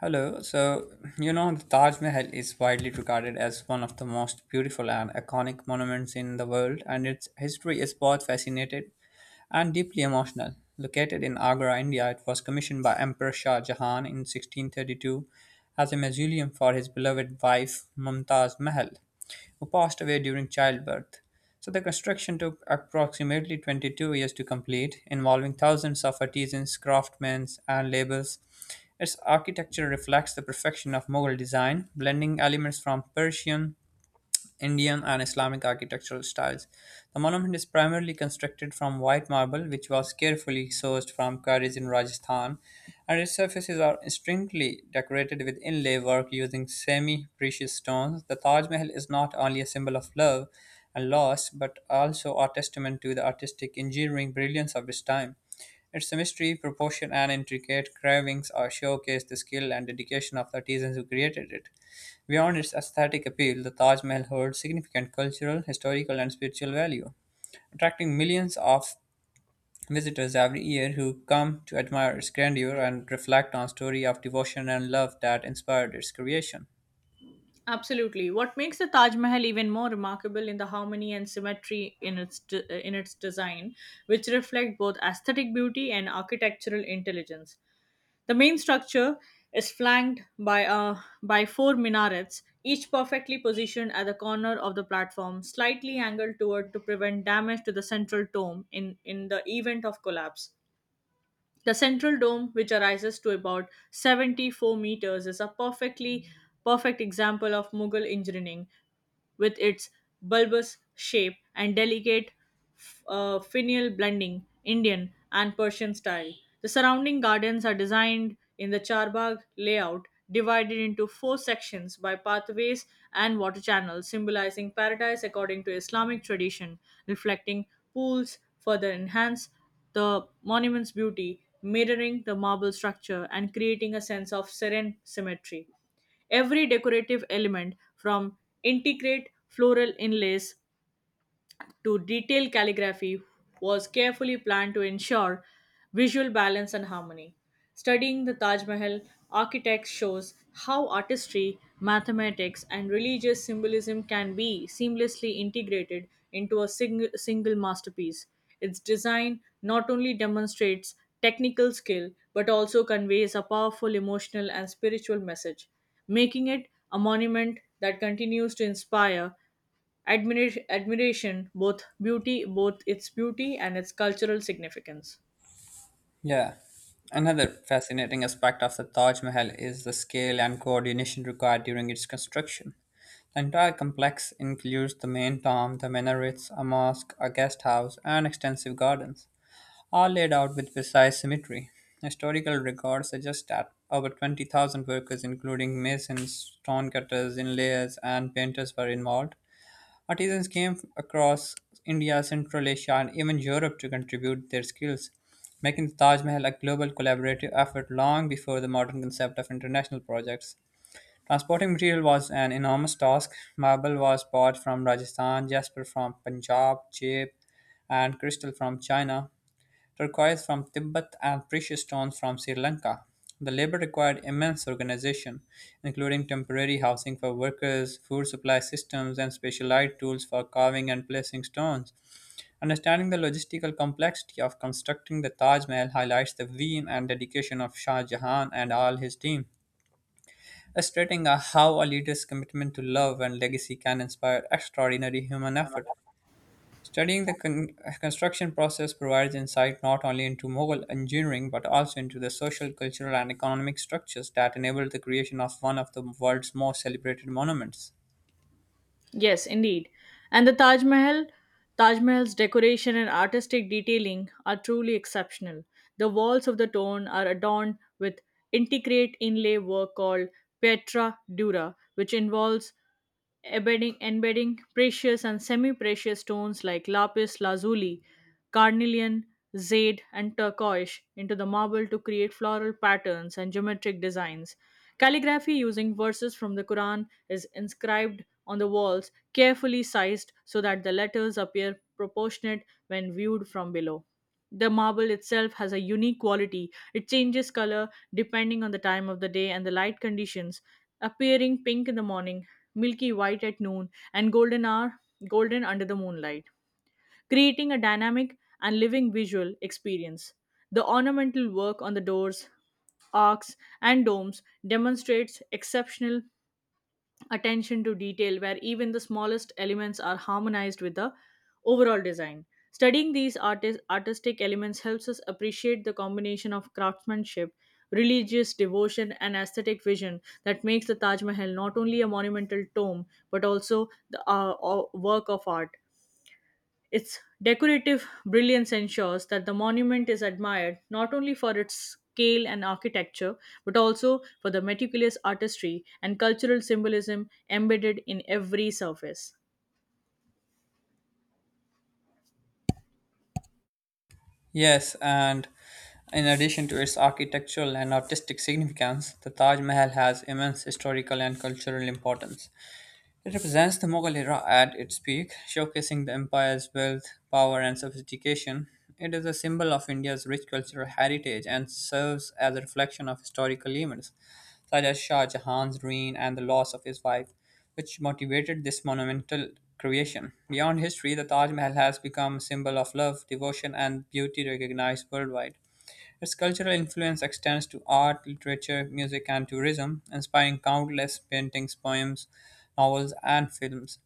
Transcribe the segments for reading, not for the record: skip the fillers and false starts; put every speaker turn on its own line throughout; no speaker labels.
Hello. The Taj Mahal is widely regarded as one of the most beautiful and iconic monuments in the world, and its history is both fascinating and deeply emotional. Located in Agra, India, it was commissioned by Emperor Shah Jahan in 1632 as a mausoleum for his beloved wife Mumtaz Mahal, who passed away during childbirth. So the construction took approximately 22 years to complete, involving thousands of artisans, craftsmen, and laborers. Its architecture reflects the perfection of Mughal design, blending elements from Persian Indian and Islamic architectural styles. The monument is primarily constructed from white marble, which was carefully sourced from quarries in Rajasthan, and its surfaces are strictly decorated with inlay work using semi precious stones. The Taj Mahal is not only a symbol of love and loss, but also a testament to the artistic engineering brilliance of its time. Its mystery, proportion, and intricate carvings are showcase the skill and dedication of the artisans who created it. Beyond its aesthetic appeal, the Taj Mahal holds significant cultural, historical, and spiritual value, attracting millions of visitors every year who come to admire its grandeur and reflect on story of devotion and love that inspired its creation.
Absolutely. What makes the Taj Mahal even more remarkable in the harmony and symmetry in its design, which reflect both aesthetic beauty and architectural intelligence. The main structure is flanked by four minarets, each perfectly positioned at the corner of the platform, slightly angled toward to prevent damage to the central dome in the event of collapse. The central dome, which rises to about 74 meters, is a perfect example of Mughal engineering with its bulbous shape and delicate finial blending, Indian and Persian style. The surrounding gardens are designed in the Charbagh layout, divided into four sections by pathways and water channels, symbolizing paradise according to Islamic tradition, reflecting pools further enhance the monument's beauty, mirroring the marble structure and creating a sense of serene symmetry. Every decorative element, from intricate floral inlays to detailed calligraphy was carefully planned to ensure visual balance and harmony. Studying the Taj Mahal architects shows how artistry, mathematics, and religious symbolism can be seamlessly integrated into a single masterpiece. Its design not only demonstrates technical skill but also conveys a powerful emotional and spiritual message, making it a monument that continues to inspire admiration both its beauty and its cultural significance.
Yeah. Another fascinating aspect of the Taj Mahal is the scale and coordination required during its construction. The entire complex includes the main tomb, the minarets, a mosque, a guest house, and extensive gardens. Are laid out with precise symmetry. Historical records suggest that over 20,000 workers, including masons, stone cutters, inlayers, and painters, were involved. Artisans came across India, Central Asia, and even Europe to contribute their skills, making the Taj Mahal a global collaborative effort long before the modern concept of international projects. Transporting material was an enormous task. Marble was bought from Rajasthan, jasper from Punjab, jade and crystal from China turquoise from Tibet, and precious stones from Sri Lanka. The labor required immense organization, including temporary housing for workers, food supply systems, and specialized tools for carving and placing stones. Understanding the logistical complexity of constructing the Taj Mahal highlights the vim and dedication of Shah Jahan and all his team, illustrating how a leader's commitment to love and legacy can inspire extraordinary human effort. Studying the construction process provides insight not only into Mughal engineering but also into the social, cultural, and economic structures that enabled the creation of one of the world's most celebrated monuments.
Yes, indeed. And Taj Mahal's decoration and artistic detailing are truly exceptional. The walls of the tomb are adorned with intricate inlay work called Pietra Dura, which involves embedding precious and semi-precious stones like lapis lazuli, carnelian, jade, and turquoise into the marble to create floral patterns and geometric designs. Calligraphy using verses from the Quran is inscribed on the walls, carefully sized so that the letters appear proportionate when viewed from below. The marble itself has a unique quality. It changes color depending on the time of the day and the light conditions, appearing pink in the morning, milky white at noon, golden under the moonlight, creating a dynamic and living visual experience. The ornamental work on the doors, arcs, and domes demonstrates exceptional attention to detail where even the smallest elements are harmonized with the overall design. Studying these artistic elements helps us appreciate the combination of craftsmanship, religious devotion, and aesthetic vision that makes the Taj Mahal not only a monumental tomb but also the work of art. Its decorative brilliance ensures that the monument is admired not only for its scale and architecture, but also for the meticulous artistry and cultural symbolism embedded in every surface.
Yes, and in addition to its architectural and artistic significance, the Taj Mahal has immense historical and cultural importance. It represents the Mughal era at its peak, showcasing the empire's wealth, power, and sophistication. It is a symbol of India's rich cultural heritage and serves as a reflection of historical events such as Shah Jahan's reign and the loss of his wife, which motivated this monumental creation. Beyond history, the Taj Mahal has become a symbol of love, devotion, and beauty recognized worldwide. Its cultural influence extends to art, literature, music, and tourism, inspiring countless paintings, poems, novels, and films.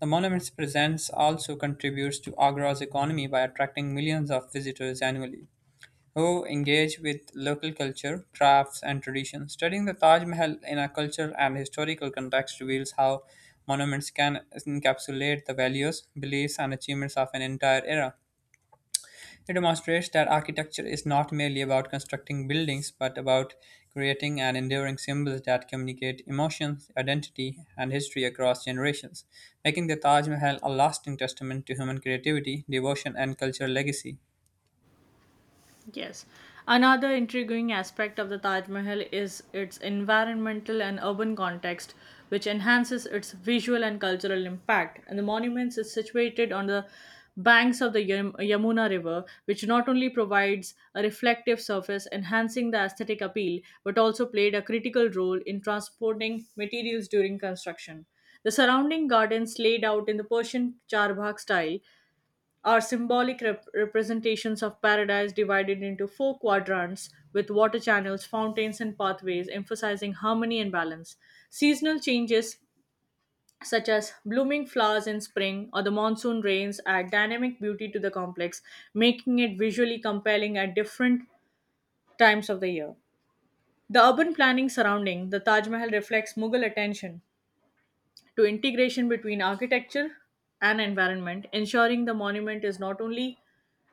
The monument's presence also contributes to Agra's economy by attracting millions of visitors annually who engage with local culture, crafts, and traditions. Studying the Taj Mahal in a cultural and historical context reveals how monuments can encapsulate the values, beliefs, and achievements of an entire era. It demonstrates that architecture is not merely about constructing buildings, but about creating and enduring symbols that communicate emotions, identity, and history across generations, making the Taj Mahal a lasting testament to human creativity, devotion, and cultural legacy.
Yes. Another intriguing aspect of the Taj Mahal is its environmental and urban context, which enhances its visual and cultural impact. And the monument is situated on the banks of the Yamuna River, which not only provides a reflective surface, enhancing the aesthetic appeal, but also played a critical role in transporting materials during construction. The surrounding gardens, laid out in the Persian Charbagh style, are symbolic representations of paradise divided into four quadrants with water channels, fountains, and pathways, emphasizing harmony and balance. Seasonal changes such as blooming flowers in spring or the monsoon rains add dynamic beauty to the complex, making it visually compelling at different times of the year. The urban planning surrounding the Taj Mahal reflects Mughal attention to integration between architecture and environment, ensuring the monument is not only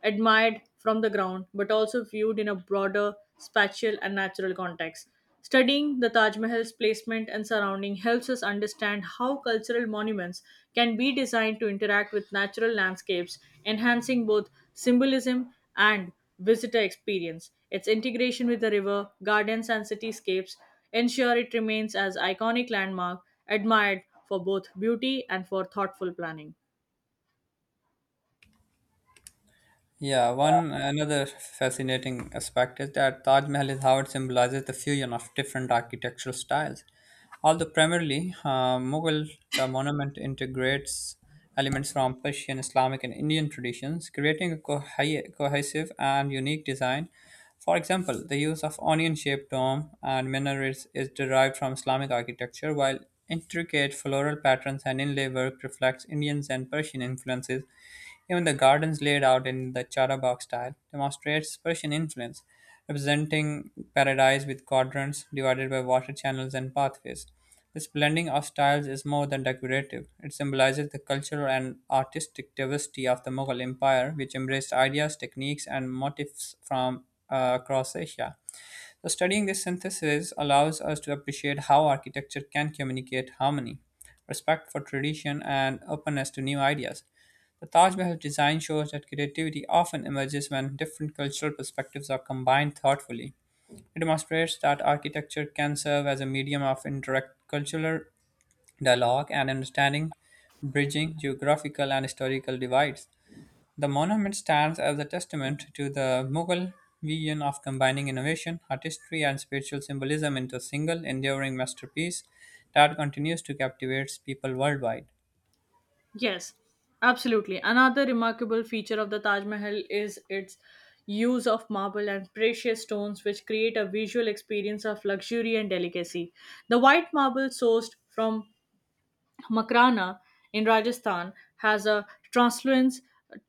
admired from the ground but also viewed in a broader spatial and natural context. Studying the Taj Mahal's placement and surrounding helps us understand how cultural monuments can be designed to interact with natural landscapes, enhancing both symbolism and visitor experience. Its integration with the river, gardens, and cityscapes ensure it remains as iconic landmark admired for both beauty and for thoughtful planning.
Yeah, one another fascinating aspect is that Taj Mahal is how it symbolizes the fusion of different architectural styles. Although primarily Mughal, the monument integrates elements from Persian, Islamic, and Indian traditions, creating a cohesive and unique design for example, the use of onion shaped dome and minarets is derived from Islamic architecture, while intricate floral patterns and inlay work reflects Indian and Persian influences. Even the gardens laid out in the Charabagh style demonstrates Persian influence, representing paradise with quadrants divided by water channels and pathways. This blending of styles is more than decorative. It symbolizes the cultural and artistic diversity of the Mughal Empire, which embraced ideas, techniques, and motifs from across Asia. So, studying this synthesis allows us to appreciate how architecture can communicate harmony, respect for tradition, and openness to new ideas. The Taj Mahal design shows that creativity often emerges when different cultural perspectives are combined thoughtfully. It demonstrates that architecture can serve as a medium of indirect cultural dialogue and understanding, bridging geographical and historical divides. The monument stands as a testament to the Mughal vision of combining innovation, artistry, and spiritual symbolism into a single enduring masterpiece that continues to captivate people worldwide.
Yes, absolutely. Another remarkable feature of the Taj Mahal is its use of marble and precious stones, which create a visual experience of luxury and delicacy. The white marble sourced from Makrana in Rajasthan has a translucent,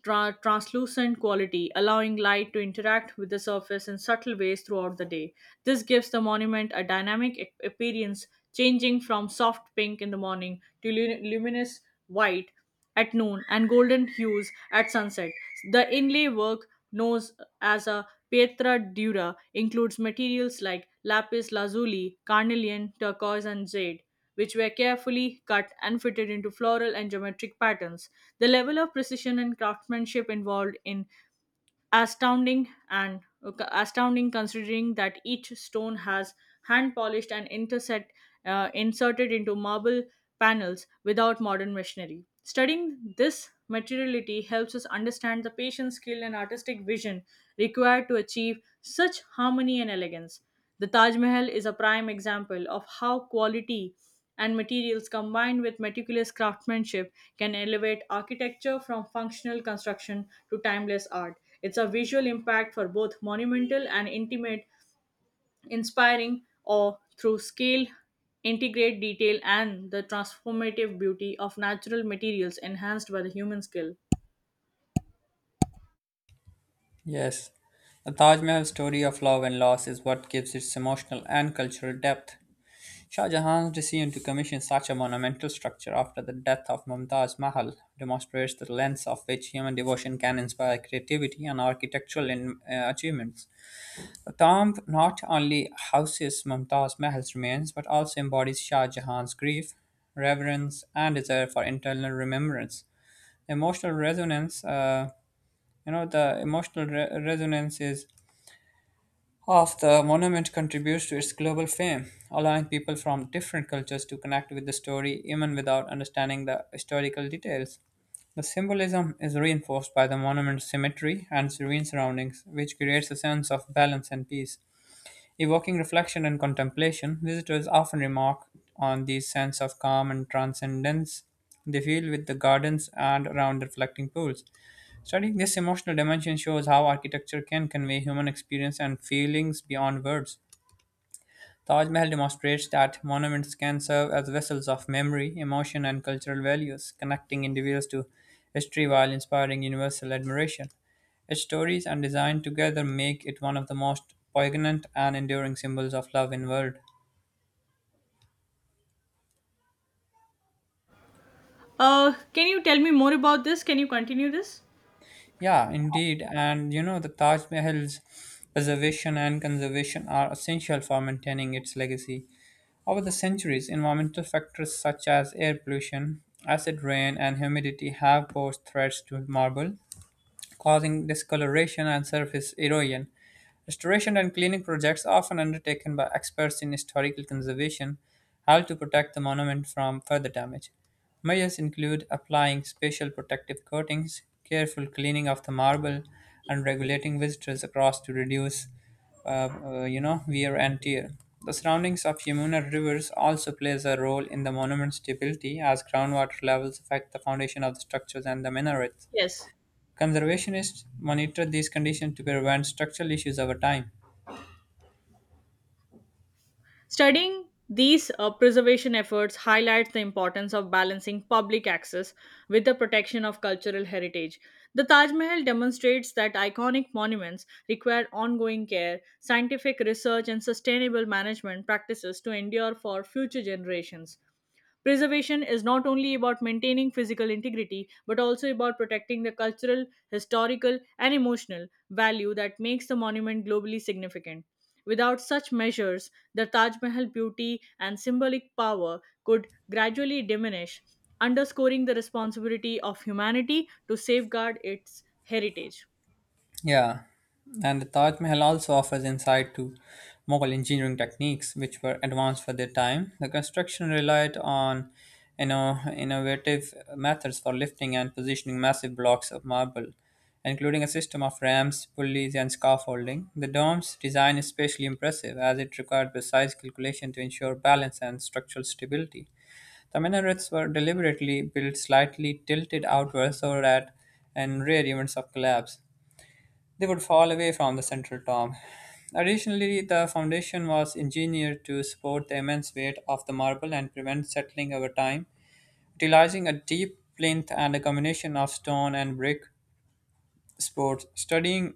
tra- translucent quality, allowing light to interact with the surface in subtle ways throughout the day. This gives the monument a dynamic appearance, changing from soft pink in the morning to luminous white at noon and golden hues at sunset. The inlay work known as a pietra dura includes materials like lapis lazuli, carnelian, turquoise, and jade which were carefully cut and fitted into floral and geometric patterns. The level of precision and craftsmanship involved in astounding considering that each stone has hand polished and inserted into marble panels without modern machinery. Studying this materiality helps us understand the patient skill and artistic vision required to achieve such harmony and elegance. The Taj Mahal is a prime example of how quality and materials combined with meticulous craftsmanship can elevate architecture from functional construction to timeless art. It's a visual impact for both monumental and intimate, inspiring or through scale, integrate detail, and the transformative beauty of natural materials enhanced by the human skill.
Yes, the Taj Mahal story of love and loss is what gives its emotional and cultural depth. Shah Jahan's decision to commission such a monumental structure after the death of Mumtaz Mahal demonstrates the lengths of which human devotion can inspire creativity and architectural achievements. Tamb not only houses Mumtaz Mahal's remains but also embodies Shah Jahan's grief, reverence, and desire for internal remembrance. Emotional resonance, you know, the emotional re- resonance is of the monument contributes to its global fame, allowing people from different cultures to connect with the story even without understanding the historical details. The symbolism is reinforced by the monument's symmetry and serene surroundings, which creates a sense of balance and peace. Evoking reflection and contemplation, visitors often remark on the sense of calm and transcendence they feel with the gardens and around the reflecting pools. Studying this emotional dimension shows how architecture can convey human experience and feelings beyond words. Taj Mahal demonstrates that monuments can serve as vessels of memory, emotion, and cultural values, connecting individuals to history while inspiring universal admiration. Its stories and design together make it one of the most poignant and enduring symbols of love in world.
Can you tell me more about this? Can you continue this?
Yeah, indeed. The Taj Mahal's preservation and conservation are essential for maintaining its legacy. Over the centuries, environmental factors such as air pollution, acid rain, and humidity have posed threats to marble, causing discoloration and surface erosion. Restoration and cleaning projects, often undertaken by experts in historical conservation, help to protect the monument from further damage. Measures include applying special protective coatings, careful cleaning of the marble, and regulating visitors across to reduce, wear and tear. The surroundings of Yamuna rivers also plays a role in the monument's stability as groundwater levels affect the foundation of the structures and the minarets.
Yes.
Conservationists monitor these conditions to prevent structural issues over time.
Studying these preservation efforts highlights the importance of balancing public access with the protection of cultural heritage. The Taj Mahal demonstrates that iconic monuments require ongoing care, scientific research, and sustainable management practices to endure for future generations. Preservation is not only about maintaining physical integrity, but also about protecting the cultural, historical, and emotional value that makes the monument globally significant. Without such measures, the Taj Mahal beauty and symbolic power could gradually diminish, underscoring the responsibility of humanity to safeguard its heritage.
Yeah, and the Taj Mahal also offers insight to Mughal engineering techniques, which were advanced for their time. The construction relied on innovative methods for lifting and positioning massive blocks of marble, including a system of ramps, pulleys, and scaffolding. The dome's design is especially impressive as it required precise calculation to ensure balance and structural stability. The minarets were deliberately built slightly tilted outward so that in rare events of collapse, they would fall away from the central tomb. Additionally, the foundation was engineered to support the immense weight of the marble and prevent settling over time, utilizing a deep plinth and a combination of stone and brick supports. Studying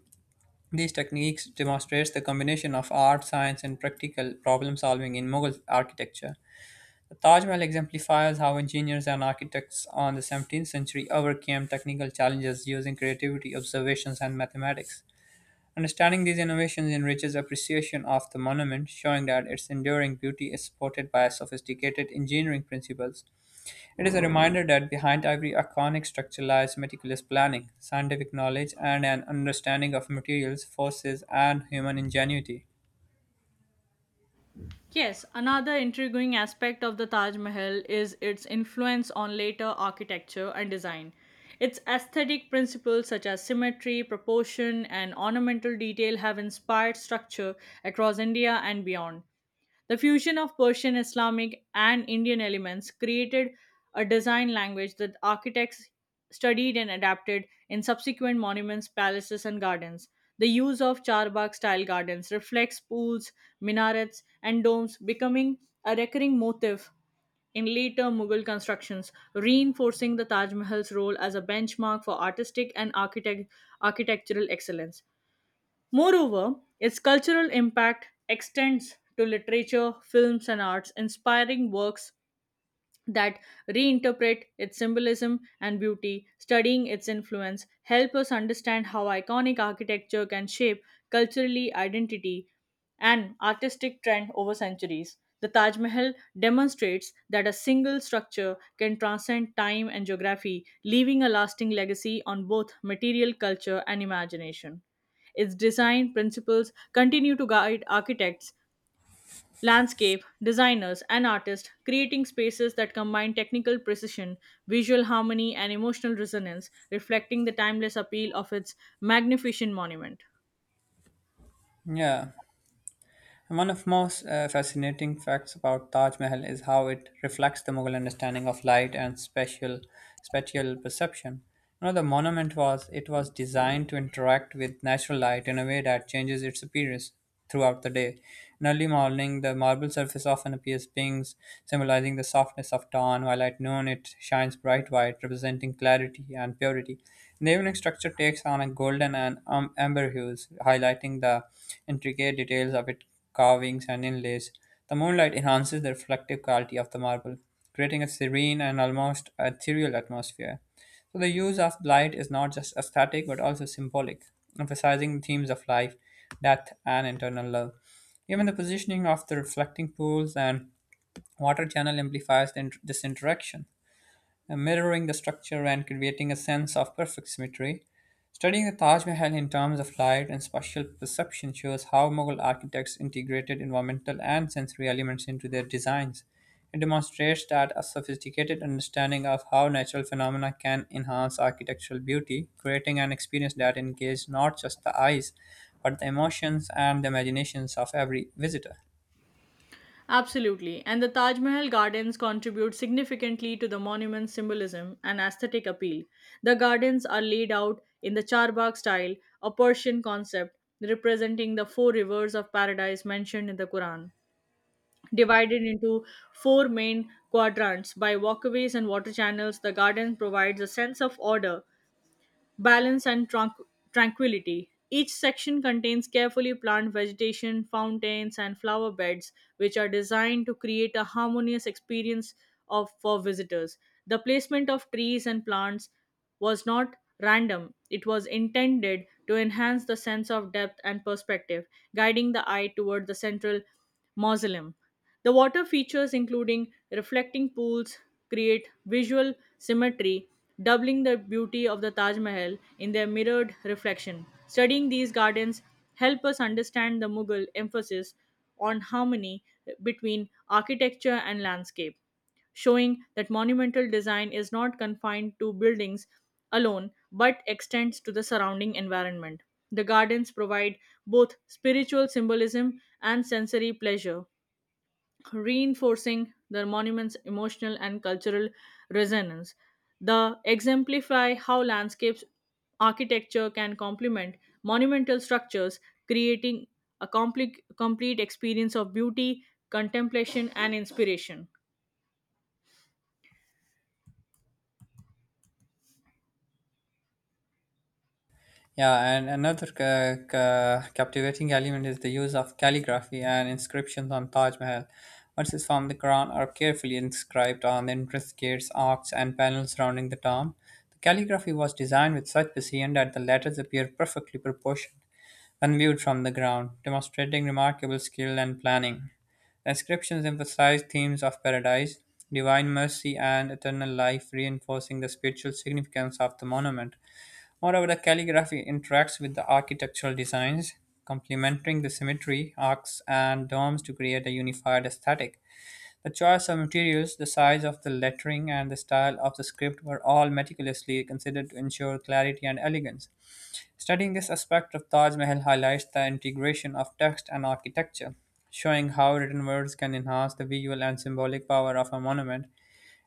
these techniques demonstrates the combination of art, science, and practical problem solving in Mughal architecture. The Taj Mahal exemplifies how engineers and architects on the 17th century overcame technical challenges using creativity, observations, and mathematics. Understanding these innovations enriches appreciation of the monument, showing that its enduring beauty is supported by sophisticated engineering principles. It is a reminder that behind every iconic structure lies meticulous planning, scientific knowledge, and an understanding of materials, forces, and human ingenuity.
Yes, another intriguing aspect of the Taj Mahal is its influence on later architecture and design. Its aesthetic principles such as symmetry, proportion, and ornamental detail have inspired structure across India and beyond. The fusion of Persian, Islamic, and Indian elements created a design language that architects studied and adapted in subsequent monuments, palaces, and gardens. The use of charbagh style gardens reflects pools, minarets, and domes, becoming a recurring motif in later Mughal constructions, reinforcing the Taj Mahal's role as a benchmark for artistic and architectural excellence. Moreover, its cultural impact extends to literature, films, and arts, inspiring works that reinterpret its symbolism and beauty, studying its influence, help us understand how iconic architecture can shape culturally identity and artistic trend over centuries. The Taj Mahal demonstrates that a single structure can transcend time and geography, leaving a lasting legacy on both material culture and imagination. Its design principles continue to guide architects, landscape designers and artists creating spaces that combine technical precision, visual harmony and emotional resonance reflecting the timeless appeal of its magnificent monument.
Yeah. And one of most fascinating facts about Taj Mahal is how it reflects the Mughal understanding of light and spatial perception. You know, the monument was It was designed to interact with natural light in a way that changes its appearance throughout the day. In early morning, the marble surface often appears pink, symbolizing the softness of dawn, while at noon it shines bright white, representing clarity and purity. The evening structure takes on a golden and amber hues, highlighting the intricate details of its carvings, and inlays. The moonlight enhances the reflective quality of the marble, creating a serene and almost ethereal atmosphere. So, the use of light is not just aesthetic but also symbolic, emphasizing themes of life, death, and internal love. Even the positioning of the reflecting pools and water channel amplifies this interaction, mirroring the structure and creating a sense of perfect symmetry. Studying the Taj Mahal in terms of light and spatial perception shows how Mughal architects integrated environmental and sensory elements into their designs. It demonstrates that a sophisticated understanding of how natural phenomena can enhance architectural beauty, creating an experience that engages not just the eyes, but the emotions and the imaginations of every visitor.
Absolutely, and the Taj Mahal gardens contribute significantly to the monument's symbolism and aesthetic appeal. The gardens are laid out in the Charbagh style, a Persian concept representing the four rivers of paradise mentioned in the Quran, divided into four main quadrants by walkways and water channels. The garden provides a sense of order, balance and tranquility. Each section contains carefully planted vegetation, fountains and flower beds which are designed to create a harmonious experience of for visitors. The placement of trees and plants was not random, it was intended to enhance the sense of depth and perspective, guiding the eye toward the central Mausoleum. The water features, including reflecting pools, create visual symmetry, doubling the beauty of the Taj Mahal in their mirrored reflection. Studying these gardens help us understand the Mughal emphasis on harmony between architecture and landscape, showing that monumental design is not confined to buildings alone but extends to the surrounding environment. The gardens provide both spiritual symbolism and sensory pleasure, reinforcing the monument's emotional and cultural resonance. The exemplify how landscapes architecture can complement monumental structures, creating a complete experience of beauty, contemplation, and inspiration.
Yeah, and another captivating element is the use of calligraphy and inscriptions on Taj Mahal. Verses from the Quran are carefully inscribed on the entrance gates, arcs, and panels surrounding the tomb. The calligraphy was designed with such precision that the letters appear perfectly proportioned when viewed from the ground, demonstrating remarkable skill and planning. The inscriptions emphasize themes of paradise, divine mercy, and eternal life, reinforcing the spiritual significance of the monument. Moreover, the calligraphy interacts with the architectural designs, complementing the symmetry, arcs, and domes to create a unified aesthetic. The choice of materials, the size of the lettering, and the style of the script were all meticulously considered to ensure clarity and elegance. Studying this aspect of Taj Mahal highlights the integration of text and architecture, showing how written words can enhance the visual and symbolic power of a monument.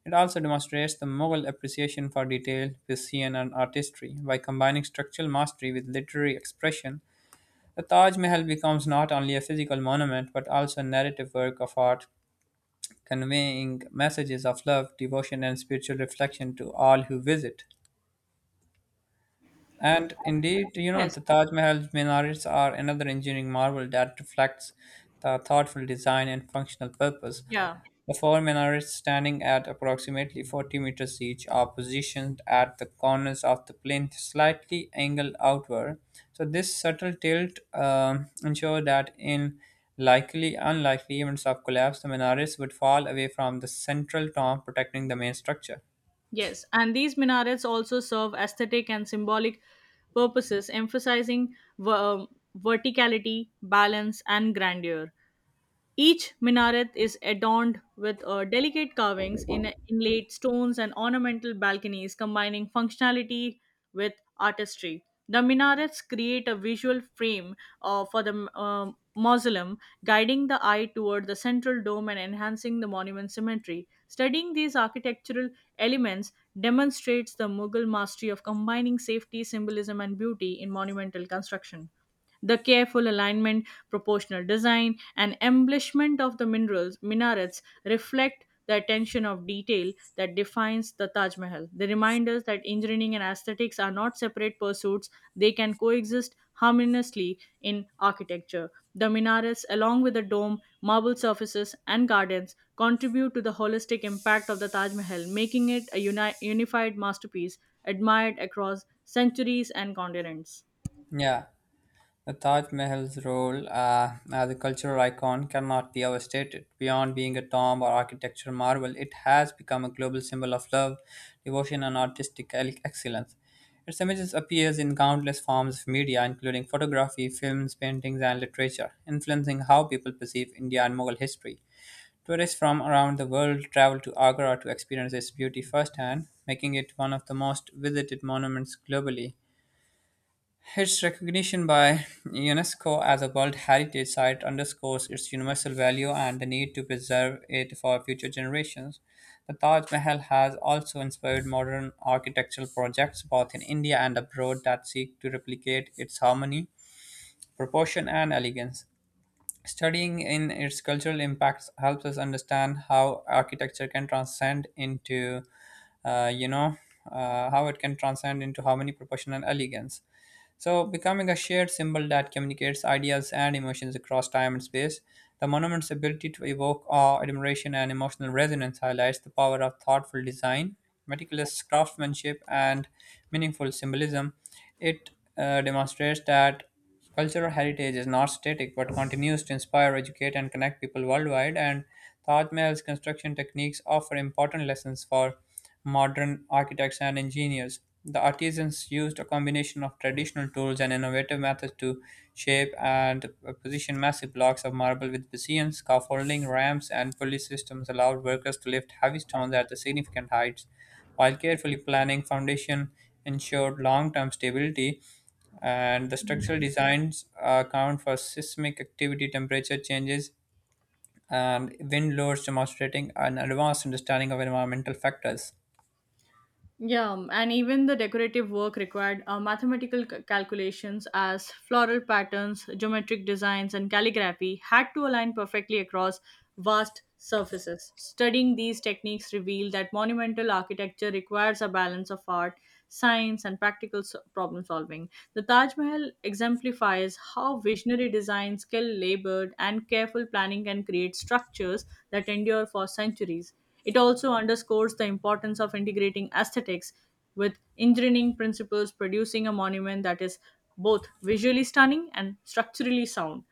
It also demonstrates the Mughal appreciation for detail, precision, and artistry. By combining structural mastery with literary expression, the Taj Mahal becomes not only a physical monument but also a narrative work of art, conveying messages of love, devotion, and spiritual reflection to all who visit. And indeed,
Yes,
the Taj Mahal's minarets are another engineering marvel that reflects the thoughtful design and functional purpose.
yeah.
The four minarets, standing at approximately 40 meters each, are positioned at the corners of the plinth, slightly angled outward. So, this subtle tilt ensures that in likely, unlikely events of collapse, the minarets would fall away from the central tomb, protecting the main structure.
Yes, and these minarets also serve aesthetic and symbolic purposes, emphasizing verticality, balance, and grandeur. Each minaret is adorned with delicate carvings in inlaid stones and ornamental balconies, combining functionality with artistry. The minarets create a visual frame for the mausoleum, guiding the eye toward the central dome and enhancing the monument's symmetry. Studying these architectural elements demonstrates the Mughal mastery of combining safety, symbolism, and beauty in monumental construction. The careful alignment, proportional design, and embellishment of the minarets reflect the attention of detail that defines the Taj Mahal. They remind us that engineering and aesthetics are not separate pursuits, they can coexist harmoniously in architecture. The minarets, along with the dome, marble surfaces, and gardens, contribute to the holistic impact of the Taj Mahal, making it a unified masterpiece admired across centuries and continents.
Yeah. The Taj Mahal's role as a cultural icon cannot be overstated. Beyond being a tomb or architectural marvel, it has become a global symbol of love, devotion, and artistic excellence. Its images appears in countless forms of media, including photography, films, paintings, and literature, influencing how people perceive India and Mughal history. Tourists from around the world travel to Agra to experience its beauty firsthand, making it one of the most visited monuments globally. Its recognition by UNESCO as a World Heritage Site underscores its universal value and the need to preserve it for future generations. The Taj Mahal has also inspired modern architectural projects both in India and abroad that seek to replicate its harmony, proportion, and elegance. Studying in its cultural impacts helps us understand how architecture can transcend into, uh, you know, how it can transcend into harmony, proportion, and elegance. So, becoming a shared symbol that communicates ideas and emotions across time and space, the monument's ability to evoke awe, admiration, and emotional resonance highlights the power of thoughtful design, meticulous craftsmanship, and meaningful symbolism. It demonstrates that cultural heritage is not static but continues to inspire, educate, and connect people worldwide. And Taj Mahal's construction techniques offer important lessons for modern architects and engineers. The artisans used a combination of traditional tools and innovative methods to shape and position massive blocks of marble with Bayesian scaffolding, ramps, and pulley systems allowed workers to lift heavy stones at the significant heights. While carefully planning, foundation ensured long-term stability, and the structural designs account for seismic activity, temperature changes, and wind loads, demonstrating an advanced understanding of environmental factors.
Yeah, and even the decorative work required mathematical calculations as floral patterns, geometric designs, and calligraphy had to align perfectly across vast surfaces. Studying these techniques revealed that monumental architecture requires a balance of art, science, and practical problem solving. The Taj Mahal exemplifies how visionary design, skill, labor, and careful planning can create structures that endure for centuries. It also underscores the importance of integrating aesthetics with engineering principles, producing a monument that is both visually stunning and structurally sound.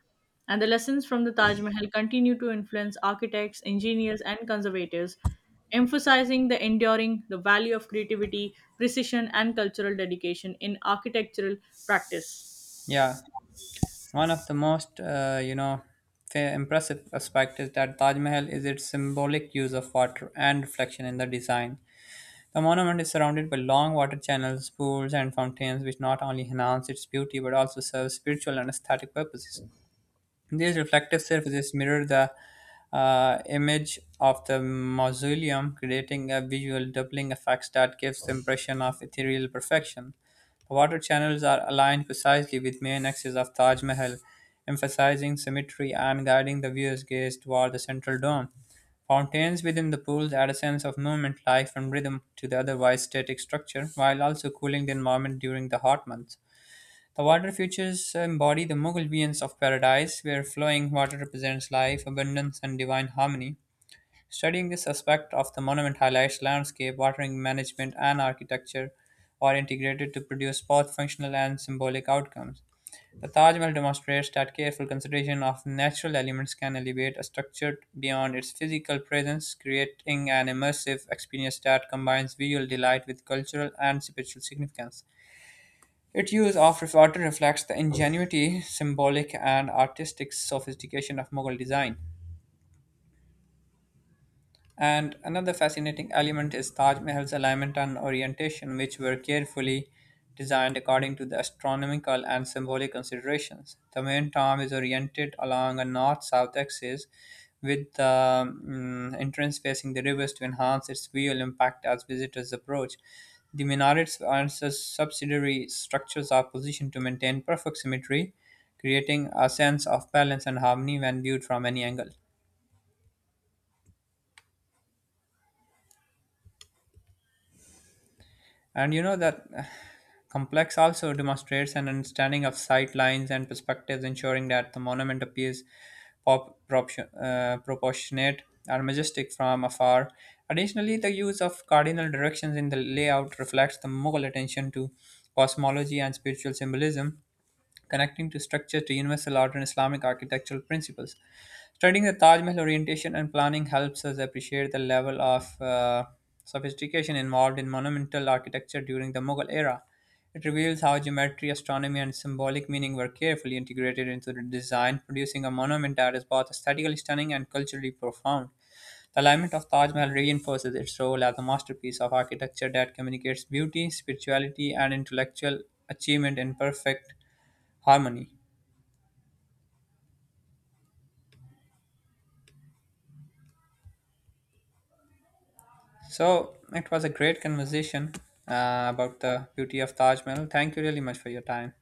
And the lessons from the Taj Mahal continue to influence architects, engineers, and conservators, emphasizing the value of creativity, precision, and cultural dedication in architectural practice.
Yeah. One of the most impressive aspect is that Taj Mahal is its symbolic use of water and reflection in the design. The monument is surrounded by long water channels, pools, and fountains, which not only enhance its beauty but also serve spiritual and aesthetic purposes. These reflective surfaces mirror the image of the mausoleum, creating a visual doubling effect that gives the impression of ethereal perfection. The water channels are aligned precisely with main axis of Taj Mahal, emphasizing symmetry and guiding the viewer's gaze toward the central dome. Fountains within the pools add a sense of movement, life, and rhythm to the otherwise static structure, while also cooling the environment during the hot months. The water features embody the Mughal visions of paradise, where flowing water represents life, abundance, and divine harmony. Studying this aspect of the monument highlights landscape, watering management, and architecture are integrated to produce both functional and symbolic outcomes. The Taj Mahal demonstrates that careful consideration of natural elements can elevate a structure beyond its physical presence, creating an immersive experience that combines visual delight with cultural and spiritual significance. Its use of often reflects the ingenuity, symbolic and artistic sophistication of Mughal design. And another fascinating element is Taj Mahal's alignment and orientation, which were carefully designed according to the astronomical and symbolic considerations. The main tomb is oriented along a north south axis, with the entrance facing the rivers to enhance its visual impact as visitors approach. The minarets and subsidiary structures are positioned to maintain perfect symmetry, creating a sense of balance and harmony when viewed from any angle. And you know that complex also demonstrates an understanding of sight lines and perspectives, ensuring that the monument appears proportionate or majestic from afar. Additionally, the use of cardinal directions in the layout reflects the Mughal attention to cosmology and spiritual symbolism, connecting to structure to universal order and Islamic architectural principles. Studying the Taj Mahal orientation and planning helps us appreciate the level of sophistication involved in monumental architecture during the Mughal era. It reveals how geometry, astronomy, and symbolic meaning were carefully integrated into the design, producing a monument that is both aesthetically stunning and culturally profound. The alignment of Taj Mahal reinforces its role as a masterpiece of architecture that communicates beauty, spirituality, and intellectual achievement in perfect harmony. So it was a great conversation about the beauty of Taj Mahal. Thank you really much for your time.